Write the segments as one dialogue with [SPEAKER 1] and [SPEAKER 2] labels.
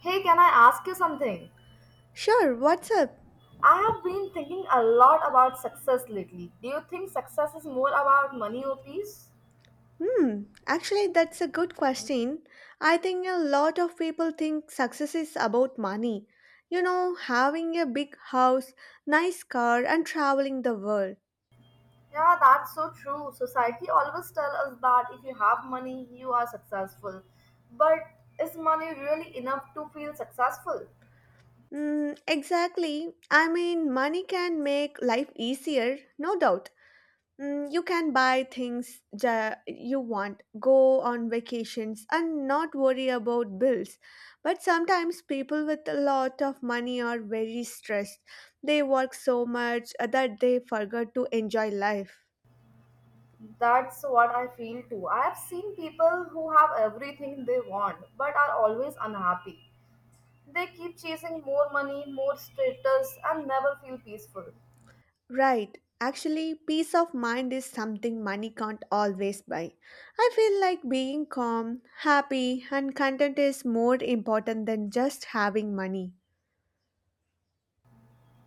[SPEAKER 1] Hey, can I ask you something?
[SPEAKER 2] Sure, what's up?
[SPEAKER 1] I have been thinking a lot about success lately. Do you think success is more about money or peace?
[SPEAKER 2] That's a good question. I think a lot of people think success is about money. You know, having a big house, nice car, and traveling the world.
[SPEAKER 1] Yeah, that's so true. Society always tells us that if you have money, you are successful. But is money really enough to feel successful?
[SPEAKER 2] Exactly. I mean, money can make life easier, no doubt. You can buy things you want, go on vacations, and not worry about bills. But sometimes people with a lot of money are very stressed. They work so much that they forget to enjoy life.
[SPEAKER 1] That's what I feel too. I have seen people who have everything they want but are always unhappy. They keep chasing more money, more status, and never feel peaceful.
[SPEAKER 2] Right. Actually, peace of mind is something money can't always buy. I feel like being calm, happy, and content is more important than just having money.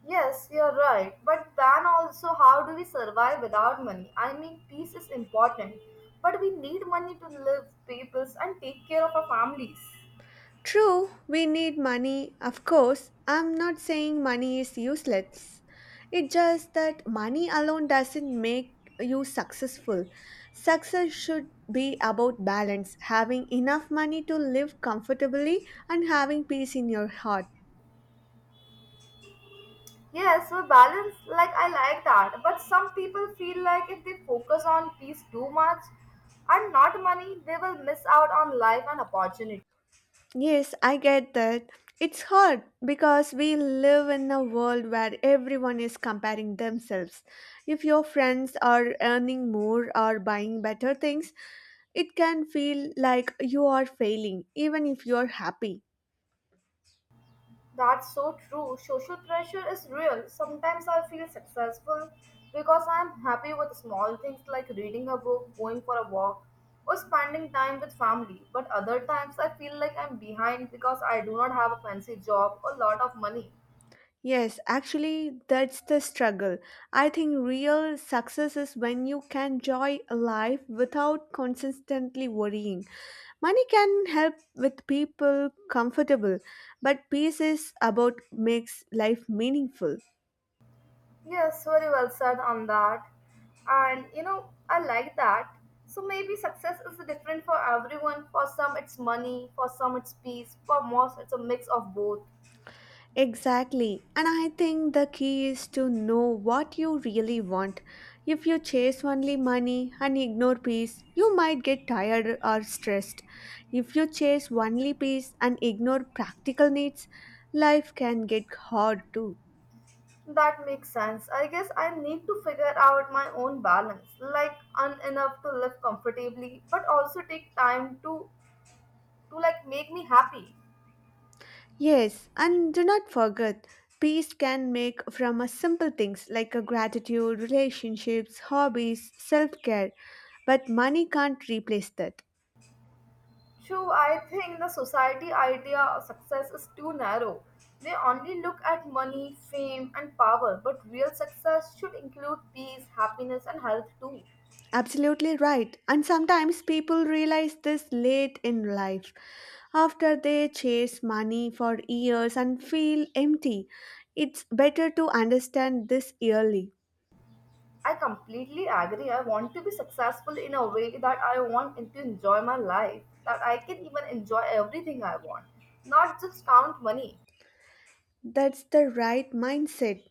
[SPEAKER 1] Yes, you're right. But then also, how do we survive without money? I mean, peace is important, but we need money to live, peoples, and take care of our families.
[SPEAKER 2] True, we need money, of course. I'm not saying money is useless. It's just that money alone doesn't make you successful. Success should be about balance, having enough money to live comfortably and having peace in your heart.
[SPEAKER 1] Yes, so balance, like I like that. But some people feel like if they focus on peace too much and not money, they will miss out on life and opportunities.
[SPEAKER 2] Yes, I get that. It's hard because we live in a world where everyone is comparing themselves. If your friends are earning more or buying better things, it can feel like you are failing, even if you are happy.
[SPEAKER 1] That's so true. Social pressure is real. Sometimes I feel successful because I'm happy with small things like reading a book, going for a walk, or spending time with family. But other times I feel like I'm behind because I do not have a fancy job or lot of money.
[SPEAKER 2] Yes, actually, that's the struggle. I think real success is when you can enjoy life without constantly worrying. Money can help with people comfortable, but peace is about makes life meaningful.
[SPEAKER 1] Yes, very well said on that. And you know, I like that. So maybe success is different for everyone. For some it's money, for some it's peace, for most it's a mix of both.
[SPEAKER 2] Exactly. And I think the key is to know what you really want. If you chase only money and ignore peace, you might get tired or stressed. If you chase only peace and ignore practical needs, life can get hard too.
[SPEAKER 1] That makes sense. I guess I need to figure out my own balance, like enough to live comfortably, but also take time to like make me happy.
[SPEAKER 2] Yes, and do not forget, peace can make from a simple things like a gratitude, relationships, hobbies, self-care, but money can't replace that.
[SPEAKER 1] True, I think the society idea of success is too narrow. They only look at money, fame, and power, but real success should include peace, happiness, and health too.
[SPEAKER 2] Absolutely right. And sometimes people realize this late in life after they chase money for years and feel empty. It's better to understand this early.
[SPEAKER 1] I completely agree. I want to be successful in a way that I want and to enjoy my life, that I can even enjoy everything I want, not just count money.
[SPEAKER 2] That's the right mindset.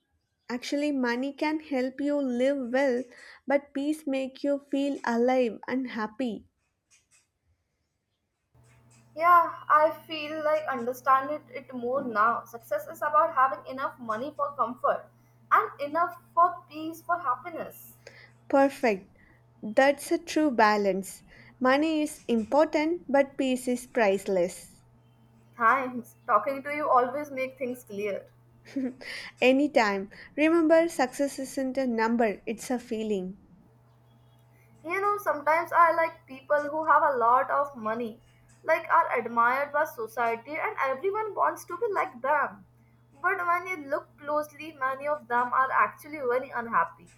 [SPEAKER 2] Actually, money can help you live well, but peace make you feel alive and happy.
[SPEAKER 1] Yeah, I feel like understand it more now. Success is about having enough money for comfort and enough for peace, for happiness.
[SPEAKER 2] Perfect. That's a true balance. Money is important, but peace is priceless.
[SPEAKER 1] Thanks. Talking to you always make things clear.
[SPEAKER 2] Anytime. Remember, success isn't a number, it's a feeling.
[SPEAKER 1] You know, sometimes I like people who have a lot of money, like are admired by society, and everyone wants to be like them. But when you look closely, many of them are actually very unhappy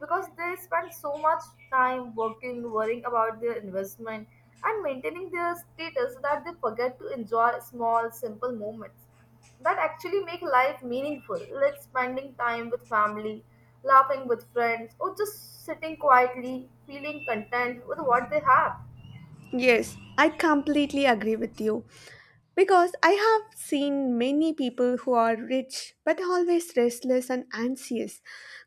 [SPEAKER 1] because they spend so much time working, worrying about their investment, and maintaining their status that they forget to enjoy small, simple moments that actually make life meaningful, like spending time with family, laughing with friends, or just sitting quietly, feeling content with what they have.
[SPEAKER 2] Yes, I completely agree with you. Because I have seen many people who are rich but always restless and anxious,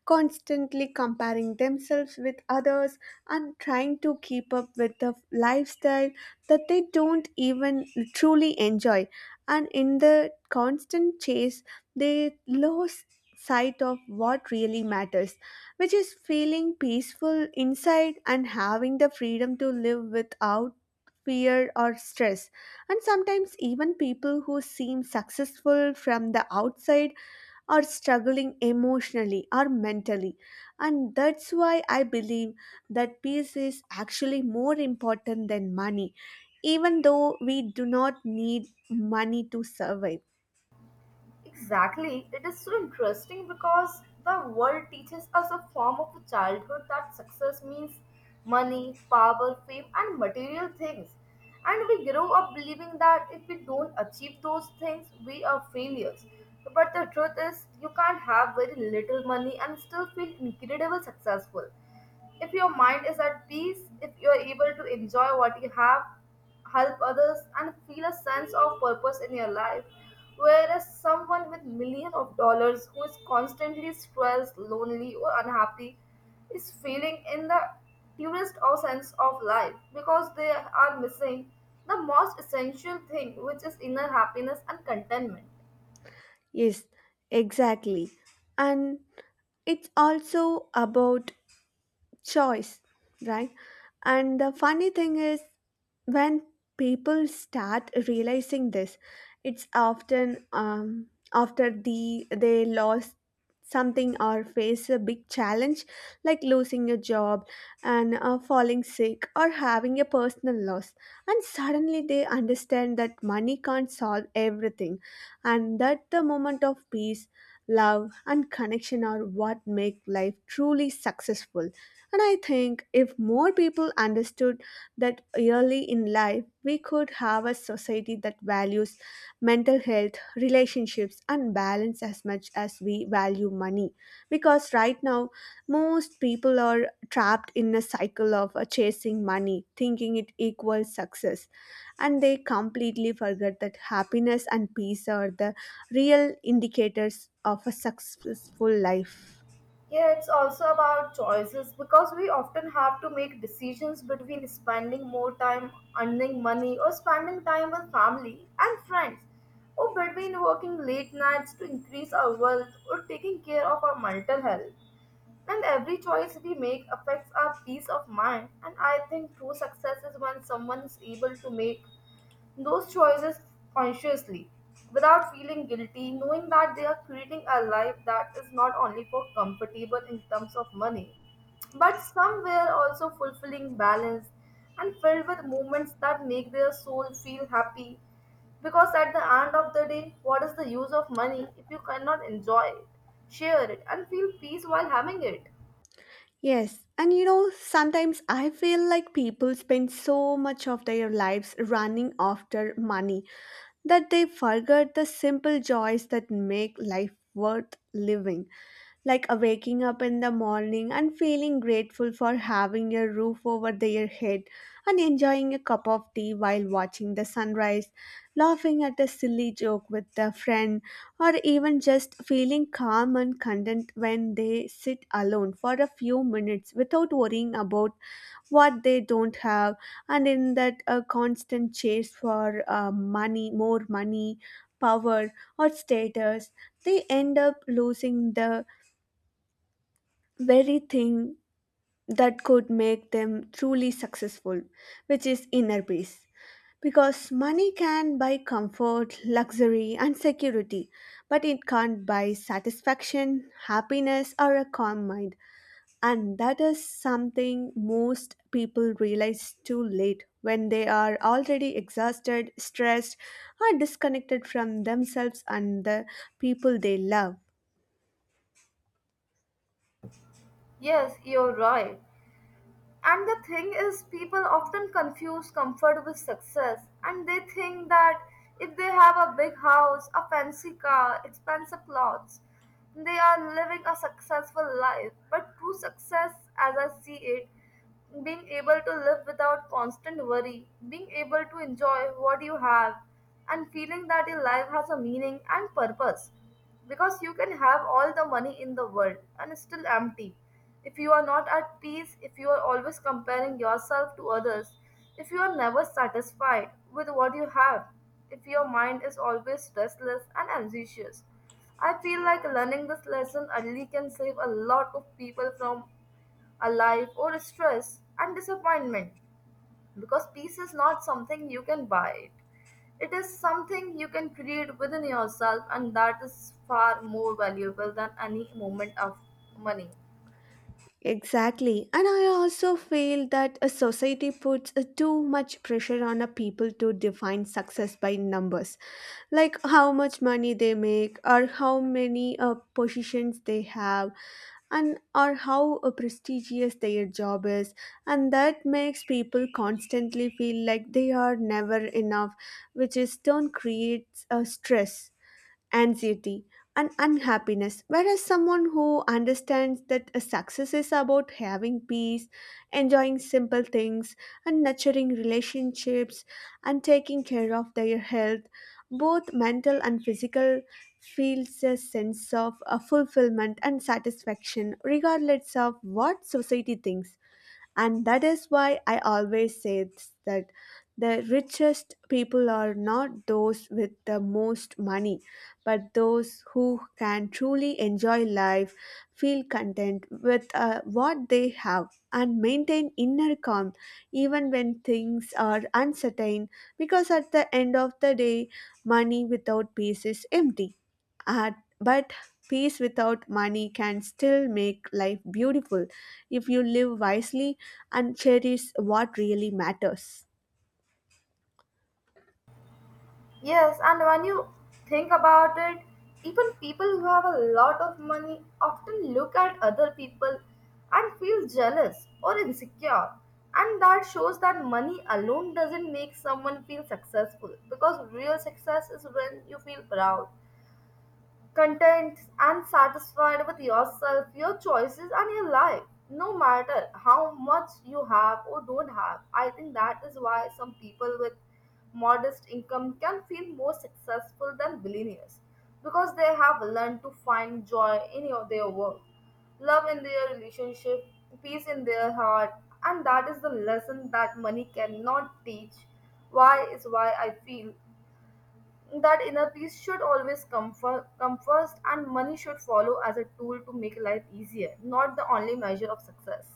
[SPEAKER 2] constantly comparing themselves with others and trying to keep up with the lifestyle that they don't even truly enjoy. And in the constant chase, they lose sight of what really matters, which is feeling peaceful inside and having the freedom to live without fear or stress, and sometimes, even people who seem successful from the outside are struggling emotionally or mentally. And that's why I believe that peace is actually more important than money, even though we do not need money to survive.
[SPEAKER 1] Exactly, it is so interesting because the world teaches us a form of childhood that success means money, power, fame, and material things. And we grow up believing that if we don't achieve those things, we are failures. But the truth is, you can't have very little money and still feel incredible successful. If your mind is at peace, if you are able to enjoy what you have, help others, and feel a sense of purpose in your life, whereas someone with millions of dollars who is constantly stressed, lonely, or unhappy is feeling in the purest of sense of life because they are missing the most essential thing, which is inner happiness and contentment.
[SPEAKER 2] Yes, exactly. And it's also about choice, right? And the funny thing is, when people start realizing this, it's often after they lost something or face a big challenge like losing a job and falling sick or having a personal loss, and suddenly they understand that money can't solve everything, and that the moment of peace, love, and connection are what make life truly successful. And I think if more people understood that early in life, we could have a society that values mental health, relationships, and balance as much as we value money. Because right now, most people are trapped in a cycle of chasing money, thinking it equals success, and they completely forget that happiness and peace are the real indicators of a successful life.
[SPEAKER 1] Yeah, it's also about choices because we often have to make decisions between spending more time earning money or spending time with family and friends, or between working late nights to increase our wealth or taking care of our mental health. And every choice we make affects our peace of mind, and I think true success is when someone is able to make those choices consciously without feeling guilty, knowing that they are creating a life that is not only for comfortable in terms of money, but somewhere also fulfilling balance and filled with moments that make their soul feel happy. Because at the end of the day, what is the use of money if you cannot enjoy it, share it, and feel peace while having it?
[SPEAKER 2] Yes, and you know, sometimes I feel like people spend so much of their lives running after money that they forget the simple joys that make life worth living, like waking up in the morning and feeling grateful for having a roof over their head and enjoying a cup of tea while watching the sunrise, laughing at a silly joke with a friend, or even just feeling calm and content when they sit alone for a few minutes without worrying about what they don't have. And in that a constant chase for money more money, power, or status, they end up losing the very thing that could make them truly successful, which is inner peace. Because money can buy comfort, luxury, and security, but it can't buy satisfaction, happiness, or a calm mind. And that is something most people realize too late, when they are already exhausted, stressed, or disconnected from themselves and the people they love.
[SPEAKER 1] Yes, you're right. And the thing is, people often confuse comfort with success, and they think that if they have a big house, a fancy car, expensive clothes, they are living a successful life. But true success, as I see it, being able to live without constant worry, being able to enjoy what you have, and feeling that your life has a meaning and purpose. Because you can have all the money in the world and it's still empty. If you are not at peace, if you are always comparing yourself to others, if you are never satisfied with what you have, if your mind is always restless and anxious, I feel like learning this lesson early can save a lot of people from a life or stress and disappointment because peace is not something you can buy. It is something you can create within yourself, and that is far more valuable than any moment of money.
[SPEAKER 2] Exactly. And I also feel that a society puts too much pressure on a people to define success by numbers, like how much money they make, or how many positions they have, and or how prestigious their job is. And that makes people constantly feel like they are never enough, which is turn creates a stress, anxiety, and unhappiness. Whereas someone who understands that a success is about having peace, enjoying simple things, and nurturing relationships and taking care of their health, both mental and physical, feels a sense of fulfillment and satisfaction regardless of what society thinks. And that is why I always say it's that the richest people are not those with the most money, but those who can truly enjoy life, feel content with what they have, and maintain inner calm even when things are uncertain, because at the end of the day, money without peace is empty. Uh, but peace without money can still make life beautiful if you live wisely and cherish what really matters.
[SPEAKER 1] Yes, and when you think about it, even people who have a lot of money often look at other people and feel jealous or insecure. And that shows that money alone doesn't make someone feel successful because real success is when you feel proud content and satisfied with yourself, your choices, and your life, no matter how much you have or don't have. I think that is why some people with modest income can feel more successful than billionaires because they have learned to find joy in your, their work, love in their relationship, peace in their heart, and that is the lesson that money cannot teach. Why is why I feel that inner peace should always come first and money should follow as a tool to make life easier not the only measure of success.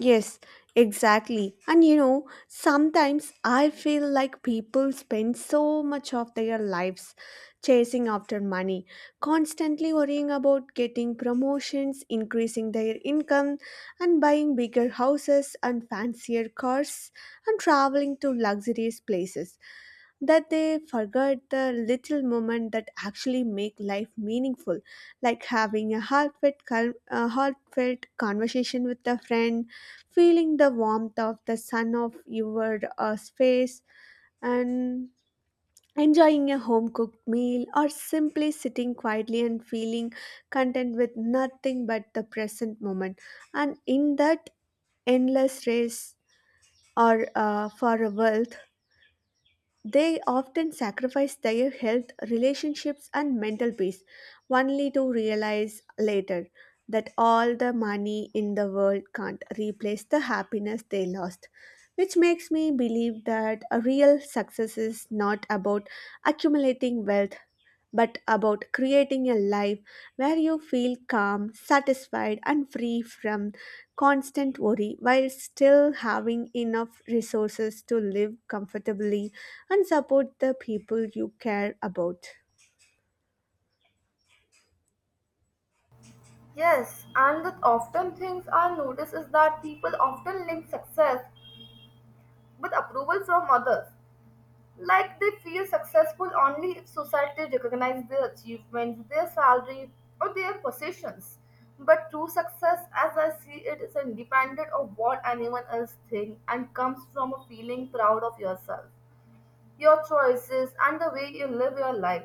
[SPEAKER 2] Yes, exactly. And you know, sometimes I feel like people spend so much of their lives chasing after money, constantly worrying about getting promotions, increasing their income, and buying bigger houses and fancier cars, and traveling to luxurious places, that they forget the little moment that actually make life meaningful, like having a heartfelt conversation with a friend, feeling the warmth of the sun of your space, and enjoying a home cooked meal, or simply sitting quietly and feeling content with nothing but the present moment. And in that endless race or for a wealth, they often sacrifice their health, relationships, and mental peace, only to realize later that all the money in the world can't replace the happiness they lost. Which makes me believe that a real success is not about accumulating wealth, but about creating a life where you feel calm, satisfied, and free from constant worry while still having enough resources to live comfortably and support the people you care about.
[SPEAKER 1] Yes, and that often things I notice is that people often link success with approval from others, like they feel successful only if society recognizes their achievements, their salary, or their possessions, but true success as I see it is independent of what anyone else thinks and comes from a feeling proud of yourself, your choices, and the way you live your life,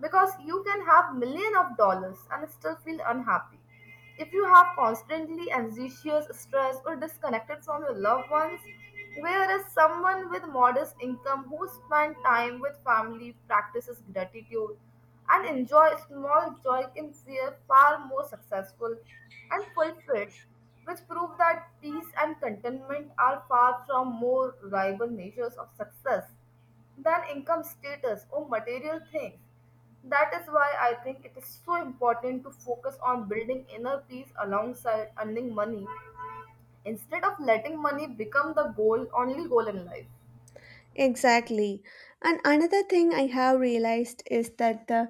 [SPEAKER 1] because you can have million of dollars and still feel unhappy if you have constantly anxious stress or disconnected from your loved ones, whereas someone with modest income who spend time with family practices gratitude and enjoy small joy can feel far more successful and fulfilled, which prove that peace and contentment are far from more rival measures of success than income status or material things. That is why I think it is so important to focus on building inner peace alongside earning money instead of letting money become the only goal in life.
[SPEAKER 2] Exactly. And another thing I have realized is that the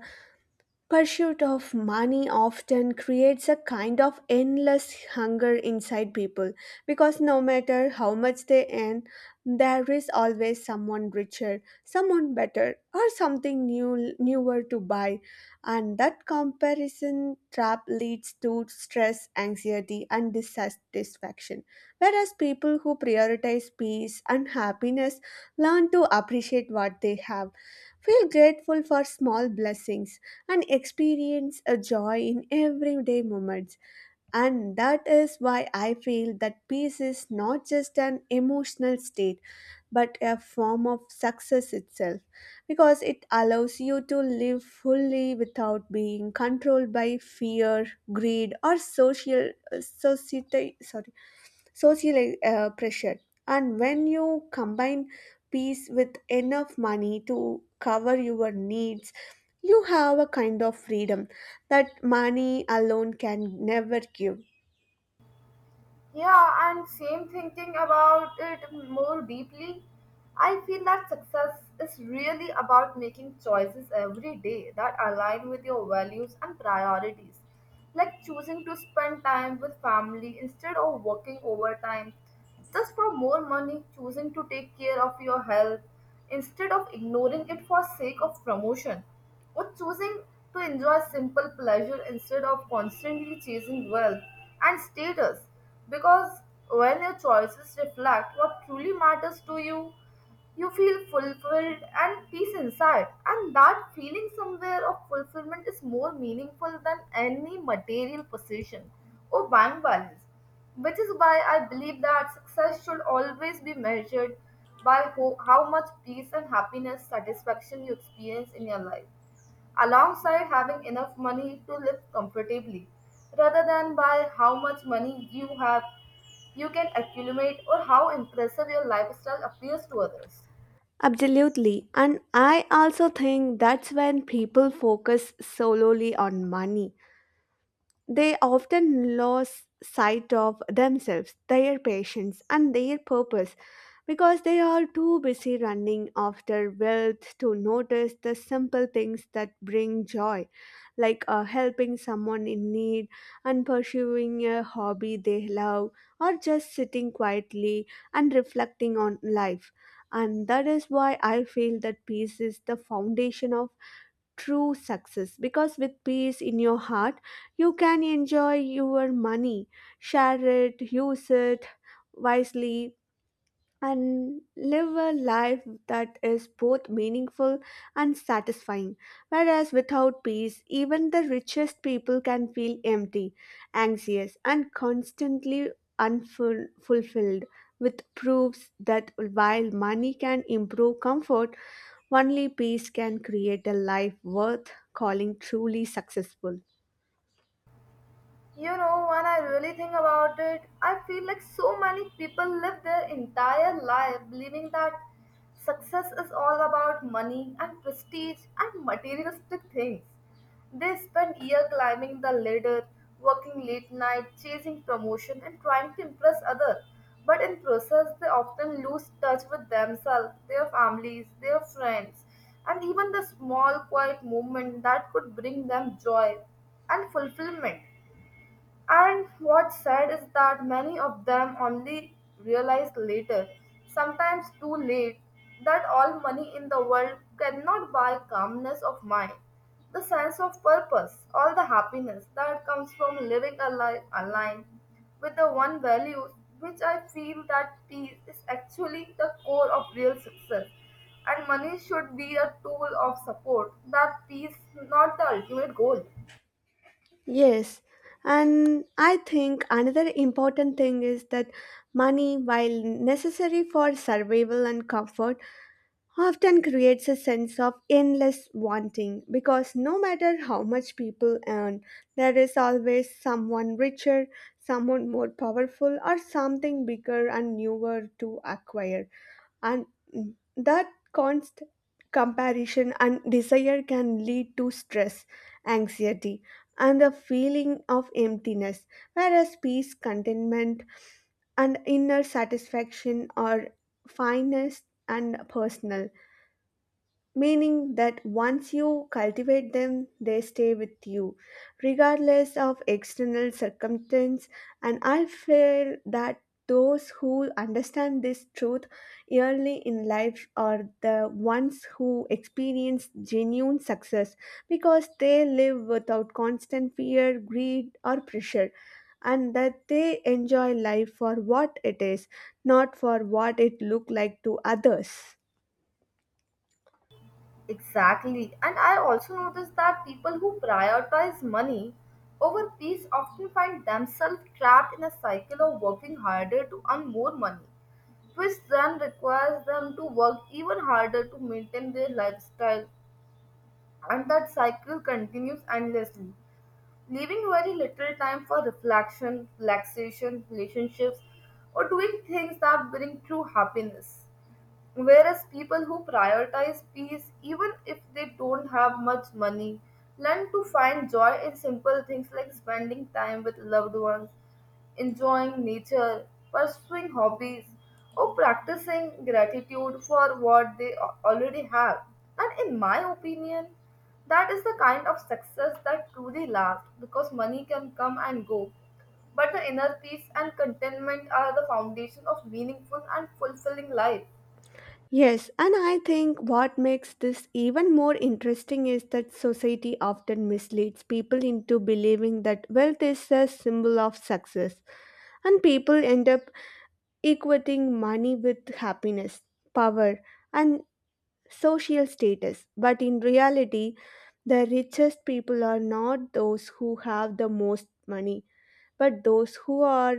[SPEAKER 2] pursuit of money often creates a kind of endless hunger inside people, because no matter how much they earn, there is always someone richer, someone better, or something newer to buy. And that comparison trap leads to stress, anxiety, and dissatisfaction. Whereas people who prioritize peace and happiness learn to appreciate what they have, feel grateful for small blessings, and experience a joy in everyday moments. And that is why I feel that peace is not just an emotional state, but a form of success itself, because it allows you to live fully without being controlled by fear, greed, or social society. Sorry, social pressure. And when you combine peace with enough money to cover your needs, you have a kind of freedom that money alone can never give.
[SPEAKER 1] Yeah, and same thinking about it more deeply. I feel that success is really about making choices every day that align with your values and priorities, like choosing to spend time with family instead of working overtime just for more money, choosing to take care of your health instead of ignoring it for sake of promotion, or choosing to enjoy simple pleasure instead of constantly chasing wealth and status. Because when your choices reflect what truly matters to you, you feel fulfilled and peace inside, and that feeling somewhere of fulfillment is more meaningful than any material possession or bank balance, which is why I believe that success should always be measured by how much peace and happiness satisfaction you experience in your life, alongside having enough money to live comfortably, rather than by how much money you can accumulate or how impressive your lifestyle appears to others.
[SPEAKER 2] Absolutely. And I also think that's when people focus solely on money. They often lose sight of themselves, their patients, and their purpose, because they are too busy running after wealth to notice the simple things that bring joy, like helping someone in need, and pursuing a hobby they love, or just sitting quietly and reflecting on life. And that is why I feel that peace is the foundation of true success, because with peace in your heart you can enjoy your money, share it, use it wisely, and live a life that is both meaningful and satisfying. Whereas without peace, even the richest people can feel empty, anxious, and constantly unfulfilled, which proves that while money can improve comfort, only peace can create a life worth calling truly successful.
[SPEAKER 1] You know, when I really think about it, I feel like so many people live their entire life believing that success is all about money and prestige and materialistic things. They spend year climbing the ladder, working late night, chasing promotion and trying to impress others. But in process, they often lose touch with themselves, their families, their friends, and even the small quiet moment that could bring them joy and fulfillment. And what's sad is that many of them only realize later, sometimes too late, that all money in the world cannot buy calmness of mind, the sense of purpose, all the happiness that comes from living a life aligned with the one value which I feel that peace is actually the core of real success. And money should be a tool of support, that peace, not the ultimate goal.
[SPEAKER 2] Yes, and I think another important thing is that money, while necessary for survival and comfort, often creates a sense of endless wanting, because no matter how much people earn, there is always someone richer, someone more powerful, or something bigger and newer to acquire, and that constant comparison and desire can lead to stress, anxiety, and a feeling of emptiness, whereas peace, contentment, and inner satisfaction are finest and personal, meaning that once you cultivate them, they stay with you, regardless of external circumstance. And I feel that those who understand this truth early in life are the ones who experience genuine success, because they live without constant fear, greed, or pressure. And that they enjoy life for what it is, not for what it looked like to others.
[SPEAKER 1] Exactly. And I also noticed that people who prioritize money over peace often find themselves trapped in a cycle of working harder to earn more money, which then requires them to work even harder to maintain their lifestyle. And that cycle continues endlessly, leaving very little time for reflection, relaxation, relationships, or doing things that bring true happiness. Whereas people who prioritize peace, even if they don't have much money, learn to find joy in simple things like spending time with loved ones, enjoying nature, pursuing hobbies, or practicing gratitude for what they already have. And in my opinion, that is the kind of success that truly lasts because money can come and go, but the inner peace and contentment are the foundation of meaningful and fulfilling life.
[SPEAKER 2] Yes, and I think what makes this even more interesting is that society often misleads people into believing that wealth is a symbol of success, and people end up equating money with happiness, power, and social status. But in reality, the richest people are not those who have the most money, but those who are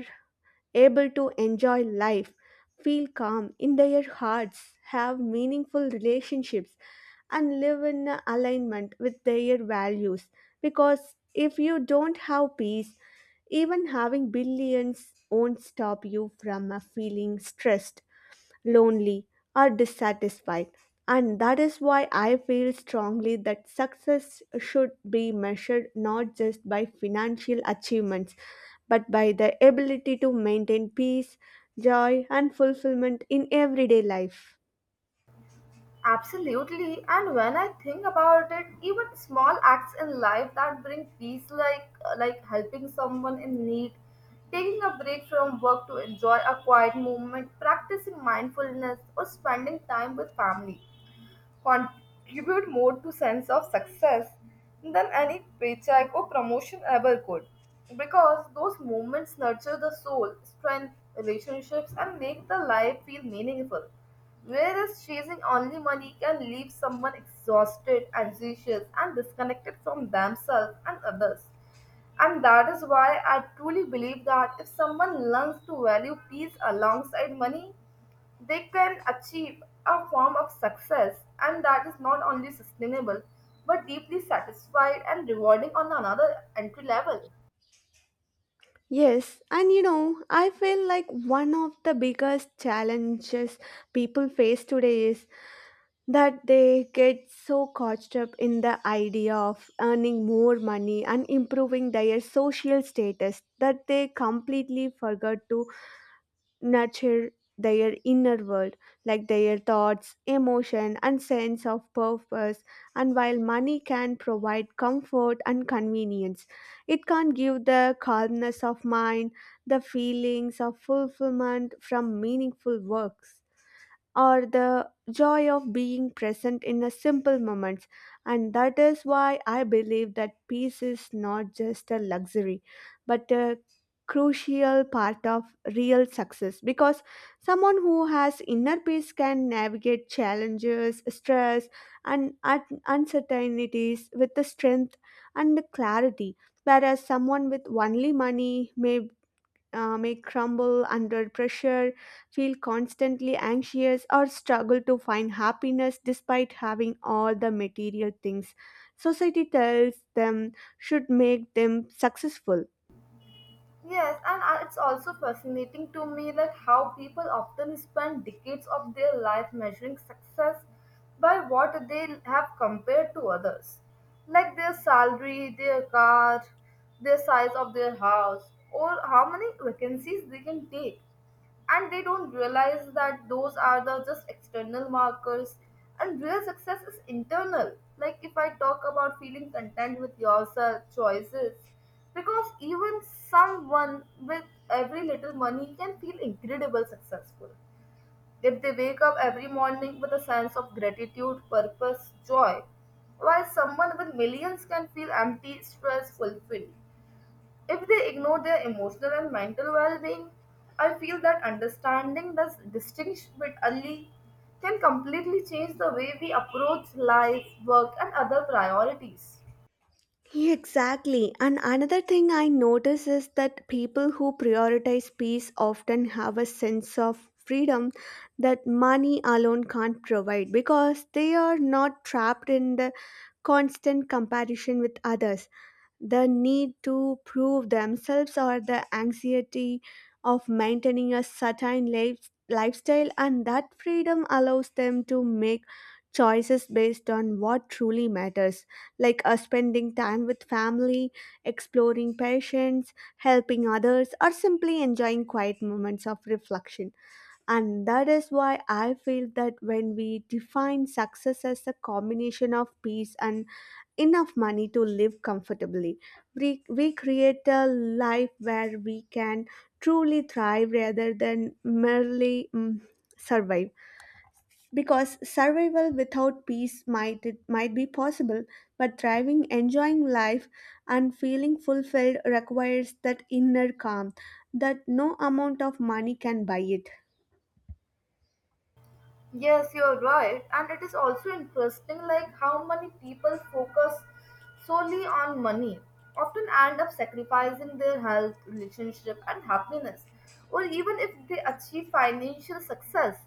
[SPEAKER 2] able to enjoy life, feel calm in their hearts, have meaningful relationships, and live in alignment with their values. Because if you don't have peace, even having billions won't stop you from feeling stressed, lonely, or dissatisfied. And that is why I feel strongly that success should be measured not just by financial achievements, but by the ability to maintain peace, joy, and fulfillment in everyday life.
[SPEAKER 1] Absolutely, and when I think about it, even small acts in life that bring peace, like helping someone in need, taking a break from work to enjoy a quiet moment, practicing mindfulness, or spending time with family, contribute more to sense of success than any paycheck or promotion ever could, because those moments nurture the soul strength relationships and make the life feel meaningful, whereas chasing only money can leave someone exhausted, anxious, and disconnected from themselves and others. And that is why I truly believe that if someone learns to value peace alongside money, they can achieve a form of success and that is not only sustainable but deeply satisfied and rewarding on another entry level.
[SPEAKER 2] Yes, and you know, I feel like one of the biggest challenges people face today is that they get so caught up in the idea of earning more money and improving their social status that they completely forget to nurture their inner world, like their thoughts, emotion, and sense of purpose. And while money can provide comfort and convenience, it can't give the calmness of mind, the feelings of fulfillment from meaningful works, or the joy of being present in a simple moments. And that is why I believe that peace is not just a luxury, but a crucial part of real success, because someone who has inner peace can navigate challenges, stress, and uncertainties with the strength and the clarity, whereas someone with only money may crumble under pressure, feel constantly anxious, or struggle to find happiness despite having all the material things society tells them should make them successful.
[SPEAKER 1] Yes and It's also fascinating to me that how people often spend decades of their life measuring success by what they have compared to others, like their salary, their car, the size of their house, or how many vacancies they can take. And they don't realize that those are the just external markers, and real success is internal, like if I talk about feeling content with yourself choices, because even someone with every little money can feel incredible successful if they wake up every morning with a sense of gratitude purpose joy, while someone with millions can feel empty stress fulfilled if they ignore their emotional and mental well being. I feel that understanding this distinction bit early can completely change the way we approach life, work, and other priorities.
[SPEAKER 2] Exactly. And another thing I notice is that people who prioritize peace often have a sense of freedom that money alone can't provide, because they are not trapped in the constant comparison with others, the need to prove themselves, or the anxiety of maintaining a certain life, lifestyle. And that freedom allows them to make choices based on what truly matters, like spending time with family, exploring passions, helping others, or simply enjoying quiet moments of reflection. And that is why I feel that when we define success as a combination of peace and enough money to live comfortably, we create a life where we can truly thrive rather than merely survive. Because survival without peace might, it might be possible, but thriving, enjoying life, and feeling fulfilled requires that inner calm that no amount of money can buy it.
[SPEAKER 1] Yes, you're right. And it is also interesting like how many people focus solely on money, often end up sacrificing their health, relationship and happiness. Or even if they achieve financial success,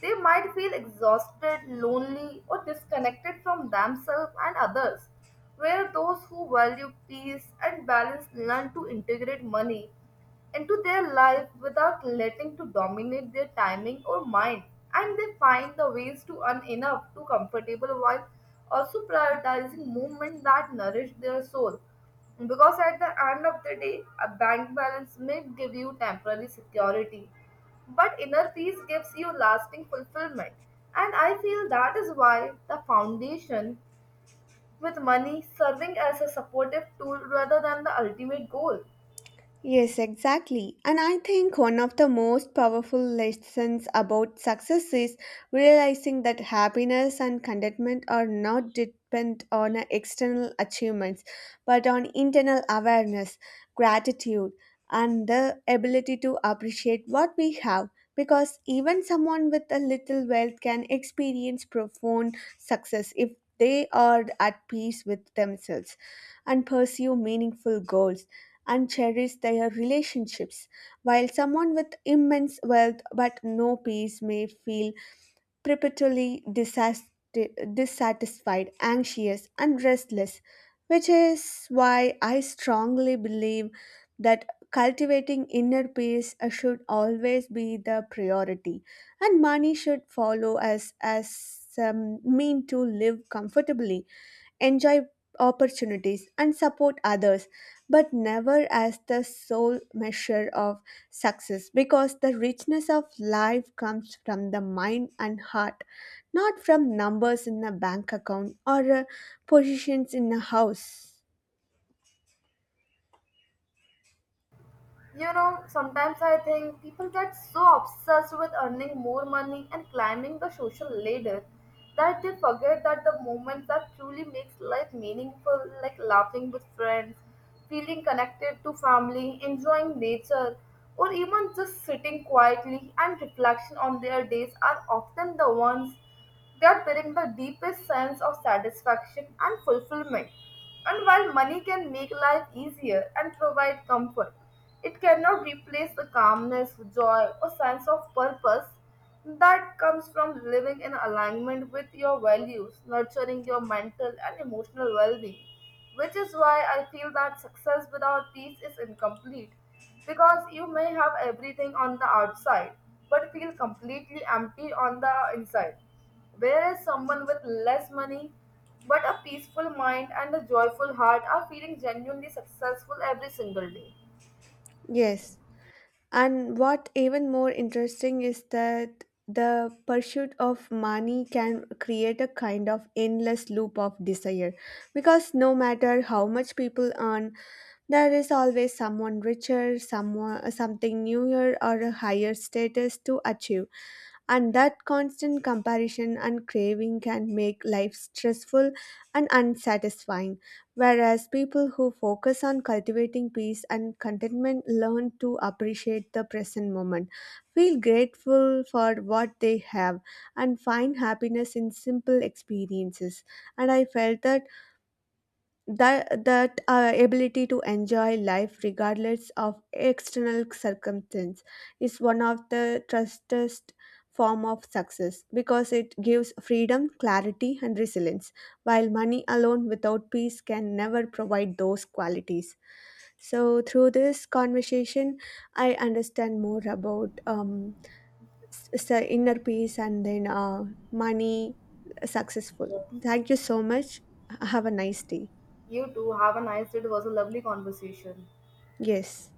[SPEAKER 1] they might feel exhausted, lonely or disconnected from themselves and others. Where those who value peace and balance learn to integrate money into their life without letting to dominate their timing or mind, and they find the ways to earn enough to comfortable while also prioritizing movement that nourish their soul, because at the end of the day a bank balance may give you temporary security, but inner peace gives you lasting fulfillment. And I feel that is why the foundation with money serving as a supportive tool rather than the ultimate goal.
[SPEAKER 2] Yes, exactly. And I think one of the most powerful lessons about success is realizing that happiness and contentment are not dependent on external achievements, but on internal awareness, gratitude, and the ability to appreciate what we have. Because even someone with a little wealth can experience profound success if they are at peace with themselves and pursue meaningful goals and cherish their relationships, while someone with immense wealth but no peace may feel perpetually dissatisfied, anxious, and restless, which is why I strongly believe that cultivating inner peace should always be the priority, and money should follow as mean to live comfortably, enjoy opportunities, and support others, but never as the sole measure of success, because the richness of life comes from the mind and heart, not from numbers in a bank account or positions in a house.
[SPEAKER 1] You know, sometimes I think people get so obsessed with earning more money and climbing the social ladder that they forget that the moment that truly makes life meaningful, like laughing with friends, feeling connected to family, enjoying nature, or even just sitting quietly and reflection on their days are often the ones that bring the deepest sense of satisfaction and fulfillment. And while money can make life easier and provide comfort, it cannot replace the calmness, joy, or sense of purpose that comes from living in alignment with your values, nurturing your mental and emotional well being. Which is why I feel that success without peace is incomplete because you may have everything on the outside, but feel completely empty on the inside. Whereas someone with less money, but a peaceful mind and a joyful heart are feeling genuinely successful every single day.
[SPEAKER 2] Yes. And what even more interesting is that the pursuit of money can create a kind of endless loop of desire, because no matter how much people earn, there is always someone richer, someone, something newer, or a higher status to achieve, and that constant comparison and craving can make life stressful and unsatisfying. Whereas people who focus on cultivating peace and contentment learn to appreciate the present moment, feel grateful for what they have, and find happiness in simple experiences. And I felt that that ability to enjoy life regardless of external circumstance is one of the trustest form of success, because it gives freedom, clarity, and resilience, while money alone without peace can never provide those qualities. So through this conversation, I understand more about s- s- inner peace and then money, successful.
[SPEAKER 1] Yes.
[SPEAKER 2] Thank you so much, have a nice day.
[SPEAKER 1] You too, have a nice day. It was a lovely conversation.
[SPEAKER 2] Yes.